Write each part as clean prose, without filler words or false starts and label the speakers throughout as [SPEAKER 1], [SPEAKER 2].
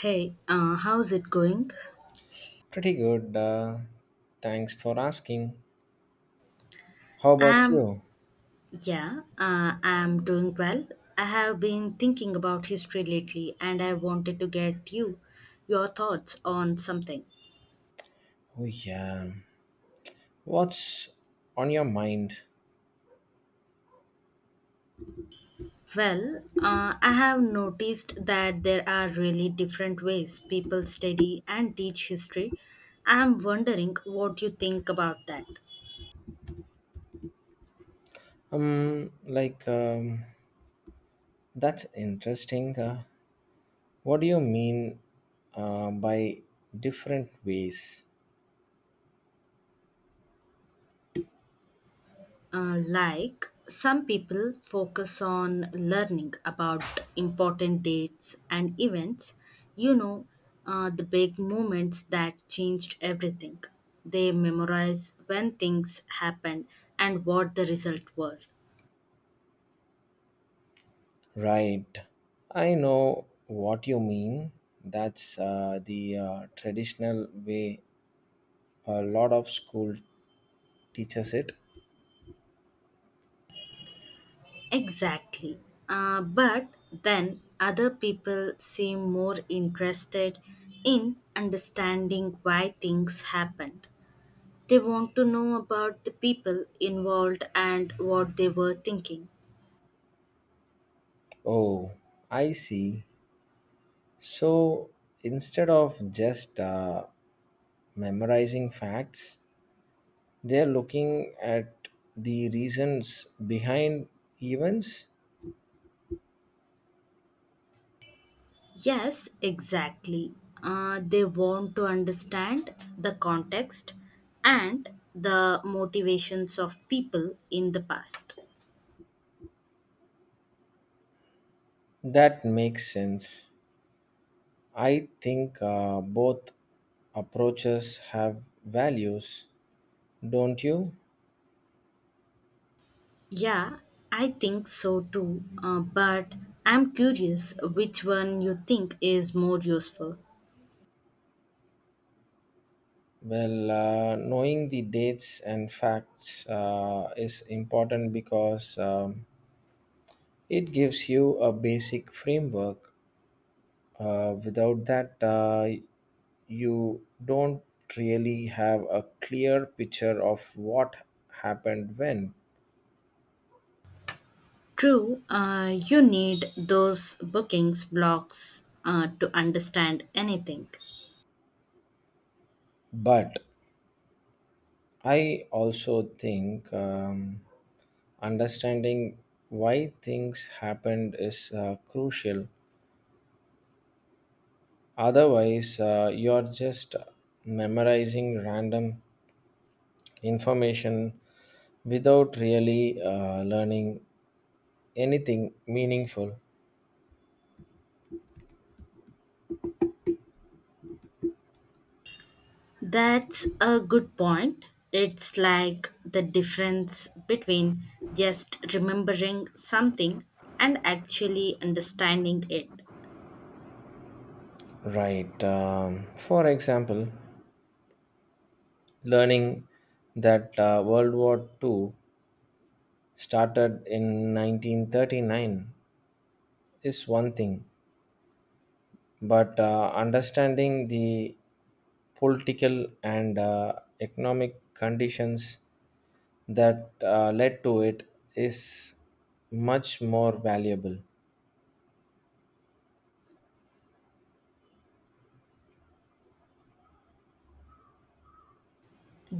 [SPEAKER 1] Hey, how's it going?
[SPEAKER 2] Pretty good. Thanks for asking. How about
[SPEAKER 1] Um,
[SPEAKER 2] you?
[SPEAKER 1] yeah, I'm doing well. I have been thinking about history lately and I wanted to get you your thoughts on something.
[SPEAKER 2] Oh yeah. What's on your mind?
[SPEAKER 1] Well, I have noticed that there are really different ways people study and teach history. I'm wondering what you think about that.
[SPEAKER 2] Um, like um, that's interesting. What do you mean by different ways?
[SPEAKER 1] Like some people focus on learning about important dates and events, you know, the big moments that changed everything. They memorize when things happened and what the result were.
[SPEAKER 2] Right. I know what you mean. That's the traditional way a lot of school teaches it.
[SPEAKER 1] Exactly. But then other people seem more interested in understanding why things happened. They want to know about the people involved and what they were thinking.
[SPEAKER 2] Oh, I see. So instead of just memorizing facts, they're looking at the reasons behind events.
[SPEAKER 1] Yes, exactly. They want to understand the context and the motivations of people in the past.
[SPEAKER 2] That makes sense. I think both approaches have values, don't you?
[SPEAKER 1] Yeah, I think so too. But I'm curious which one you think is more useful.
[SPEAKER 2] Well, knowing the dates and facts is important because it gives you a basic framework. Without that, you don't really have a clear picture of what happened when.
[SPEAKER 1] True, you need those bookings blocks to understand anything.
[SPEAKER 2] But I also think understanding why things happened is crucial. Otherwise, you're just memorizing random information without really learning anything meaningful.
[SPEAKER 1] That's a good point. It's like the difference between just remembering something and actually understanding it.
[SPEAKER 2] Right. For example, learning that World War Two started in 1939 is one thing, but understanding the political and economic conditions that led to it is much more valuable.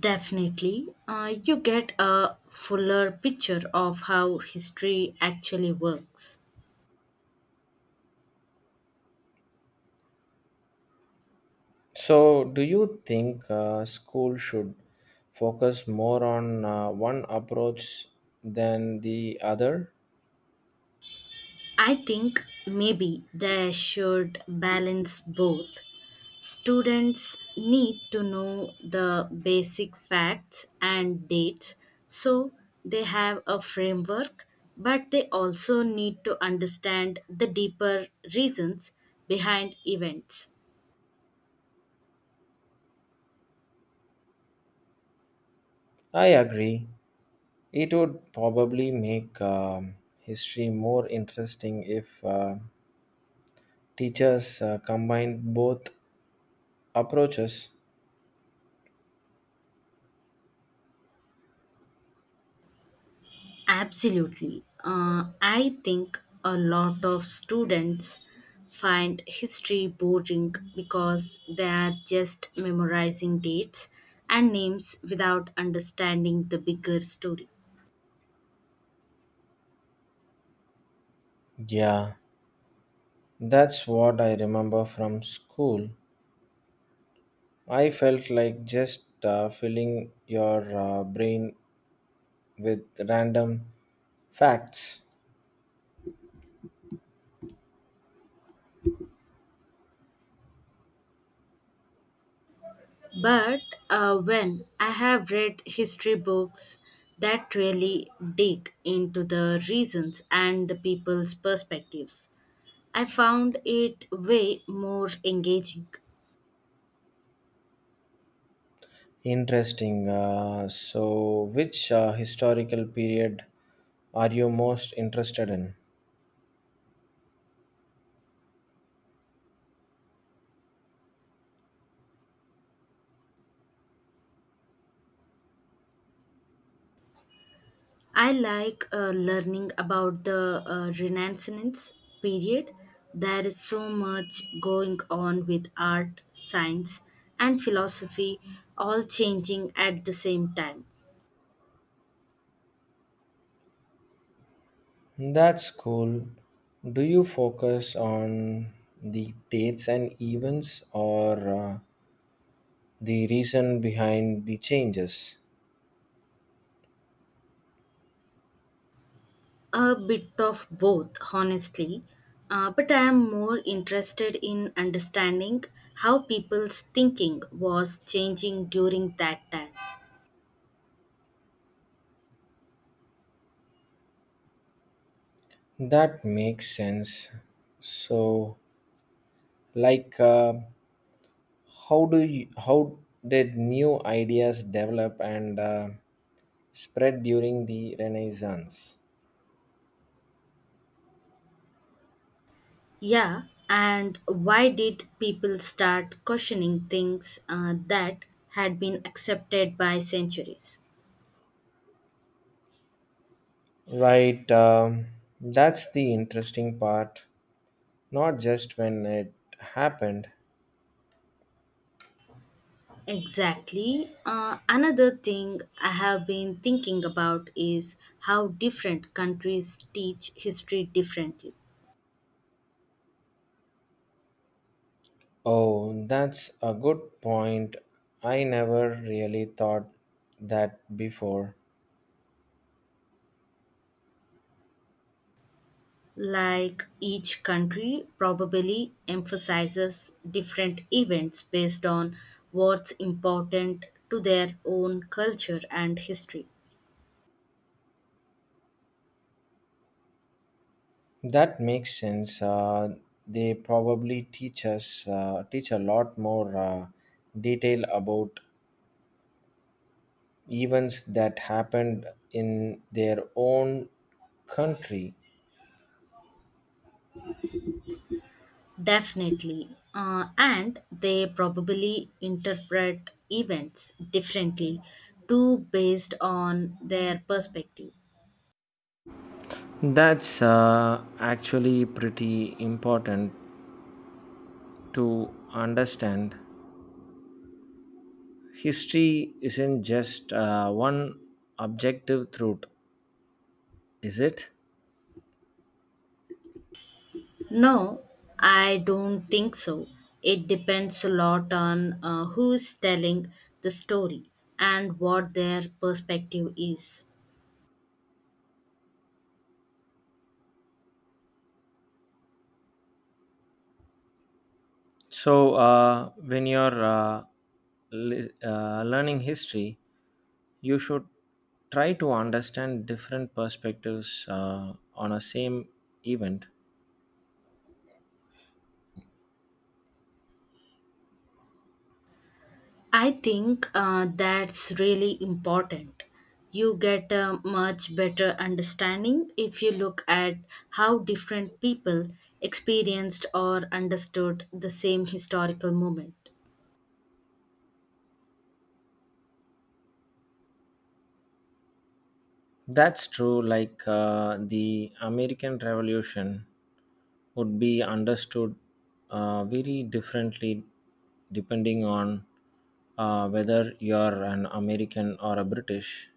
[SPEAKER 1] Definitely, you get a fuller picture of how history actually works.
[SPEAKER 2] So, do you think school should focus more on one approach than the other?
[SPEAKER 1] I think maybe they should balance both. Students need to know the basic facts and dates so they have a framework, but they also need to understand the deeper reasons behind events.
[SPEAKER 2] I agree. It would probably make history more interesting if teachers combined both approaches.
[SPEAKER 1] Absolutely. I think a lot of students find history boring because they are just memorizing dates and names without understanding the bigger story.
[SPEAKER 2] Yeah, that's what I remember from school. I felt like just filling your brain with random facts.
[SPEAKER 1] But when I have read history books that really dig into the reasons and the people's perspectives, I found it way more engaging.
[SPEAKER 2] Interesting. So, which historical period are you most interested in?
[SPEAKER 1] I like learning about the Renaissance period. There is so much going on with art, science, and philosophy, all changing at the same time.
[SPEAKER 2] That's cool. Do you focus on the dates and events or the reason behind the changes?
[SPEAKER 1] A bit of both, honestly. But I am more interested in understanding how people's thinking was changing during that time.
[SPEAKER 2] That makes sense. So, like, how did new ideas develop and spread during the Renaissance?
[SPEAKER 1] Yeah, and why did people start questioning things that had been accepted by centuries?
[SPEAKER 2] Right. That's the interesting part. Not just when it happened.
[SPEAKER 1] Exactly. Another thing I have been thinking about is how different countries teach history differently.
[SPEAKER 2] Oh, that's a good point. I never really thought that before.
[SPEAKER 1] Like each country probably emphasizes different events based on what's important to their own culture and history.
[SPEAKER 2] That makes sense. They probably teach a lot more detail about events that happened in their own country.
[SPEAKER 1] Definitely. And they probably interpret events differently too based on their perspective.
[SPEAKER 2] That's actually pretty important to understand. History isn't just one objective truth, is it?
[SPEAKER 1] No, I don't think so. It depends a lot on who is telling the story and what their perspective is.
[SPEAKER 2] So, when you're learning history, you should try to understand different perspectives on a same event.
[SPEAKER 1] I think that's really important. You get a much better understanding if you look at how different people experienced or understood the same historical moment.
[SPEAKER 2] That's true. Like the American Revolution would be understood very differently depending on whether you're an American or a British.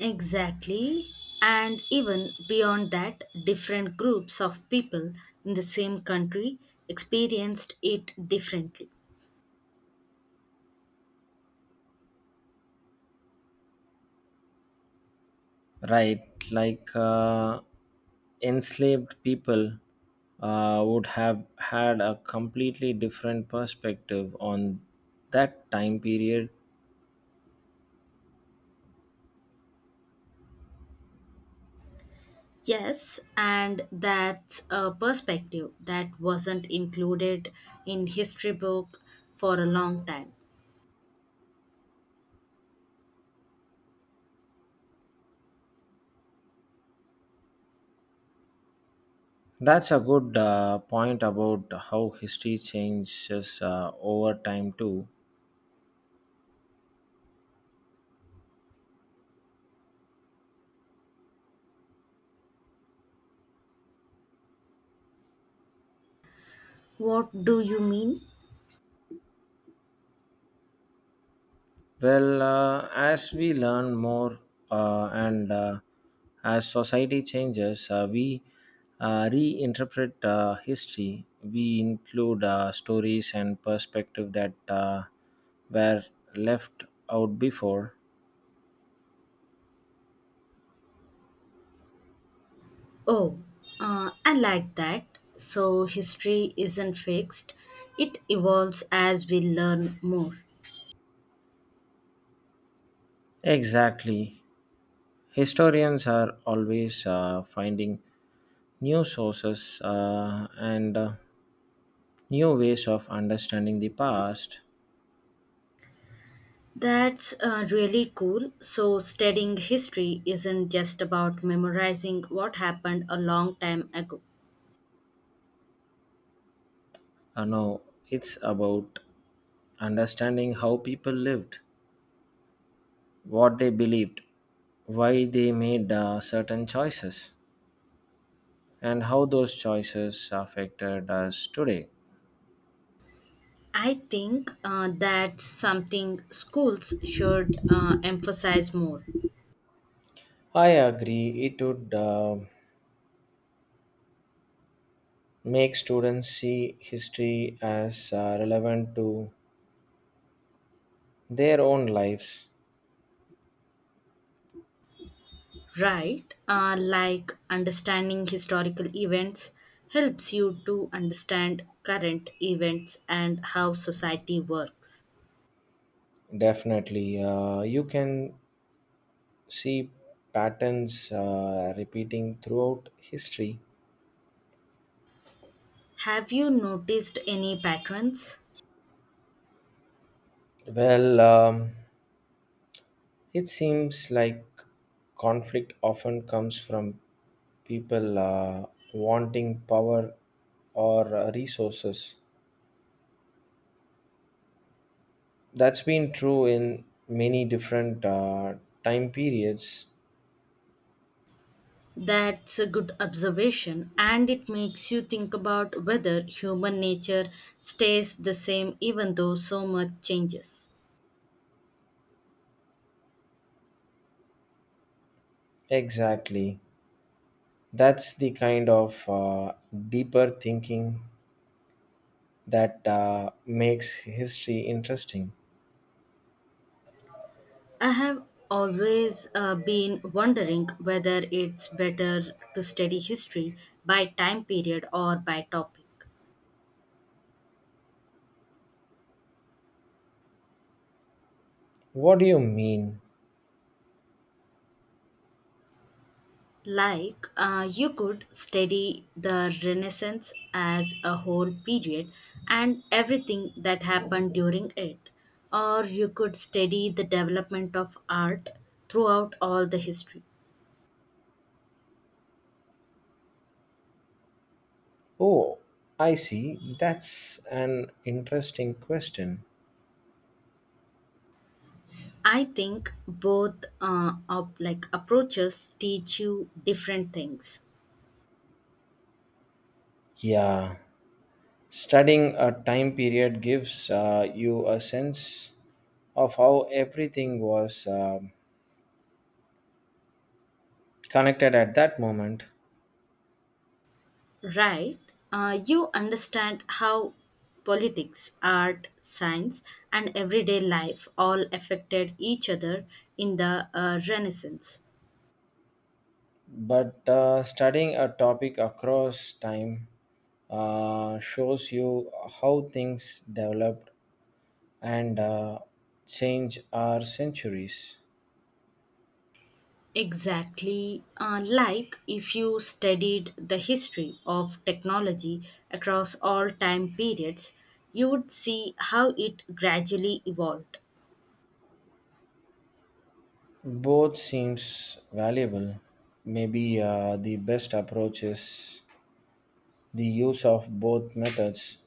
[SPEAKER 1] Exactly. And even beyond that, different groups of people in the same country experienced it differently.
[SPEAKER 2] Right, like enslaved people would have had a completely different perspective on that time period.
[SPEAKER 1] Yes, and that's a perspective that wasn't included in history book for a long time.
[SPEAKER 2] That's a good point about how history changes over time, too.
[SPEAKER 1] What do you mean?
[SPEAKER 2] Well, as we learn more and as society changes, we reinterpret history. We include stories and perspective that were left out before.
[SPEAKER 1] Oh, I like that. So history isn't fixed; it evolves as we learn more.
[SPEAKER 2] Exactly. Historians are always finding new sources and new ways of understanding the past.
[SPEAKER 1] That's really cool. So studying history isn't just about memorizing what happened a long time ago.
[SPEAKER 2] No, it's about understanding how people lived, what they believed, why they made certain choices, and how those choices affected us today.
[SPEAKER 1] I think that's something schools should emphasize more,
[SPEAKER 2] I agree. It would make students see history as relevant to their own lives.
[SPEAKER 1] right? Like understanding historical events helps you to understand current events and how society works.
[SPEAKER 2] Definitely. You can see patterns repeating throughout history.
[SPEAKER 1] Have you noticed any patterns?
[SPEAKER 2] Well, it seems like conflict often comes from people wanting power or resources. That's been true in many different time periods.
[SPEAKER 1] That's a good observation, and it makes you think about whether human nature stays the same even though so much changes.
[SPEAKER 2] Exactly. That's the kind of deeper thinking that makes history interesting.
[SPEAKER 1] I have always been wondering whether it's better to study history by time period or by topic.
[SPEAKER 2] What do you mean?
[SPEAKER 1] Like, you could study the Renaissance as a whole period and everything that happened during it, or you could study the development of art throughout all the history.
[SPEAKER 2] Oh, I see. That's an interesting question.
[SPEAKER 1] I think both like approaches teach you different things.
[SPEAKER 2] Yeah, studying a time period gives you a sense of how everything was connected at that moment.
[SPEAKER 1] Right, you understand how politics, art, science, and everyday life all affected each other in the Renaissance.
[SPEAKER 2] But studying a topic across time shows you how things developed and change our centuries.
[SPEAKER 1] Exactly, like if you studied the history of technology across all time periods, you would see how it gradually evolved.
[SPEAKER 2] Both seems valuable. Maybe the best approach is the use of both methods.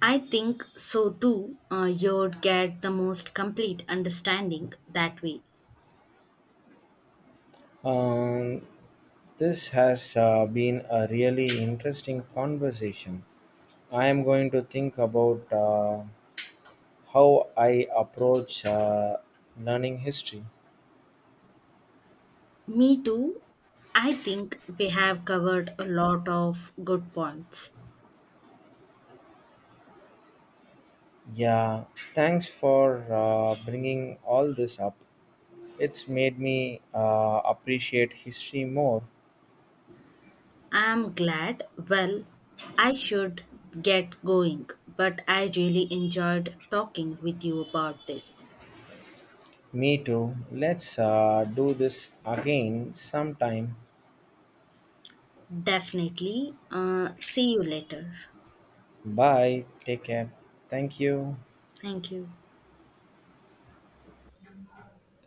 [SPEAKER 1] I think so too. You'd get the most complete understanding that way.
[SPEAKER 2] Um, this has been a really interesting conversation. I am going to think about how I approach learning history.
[SPEAKER 1] Me too. I think we have covered a lot of good points.
[SPEAKER 2] Yeah, thanks for bringing all this up. It's made me appreciate history more.
[SPEAKER 1] I'm glad. Well, I should get going, but I really enjoyed talking with you about this.
[SPEAKER 2] Me too. Let's do this again sometime.
[SPEAKER 1] Definitely. See you later.
[SPEAKER 2] Bye. Take care. Thank you.
[SPEAKER 1] Thank you.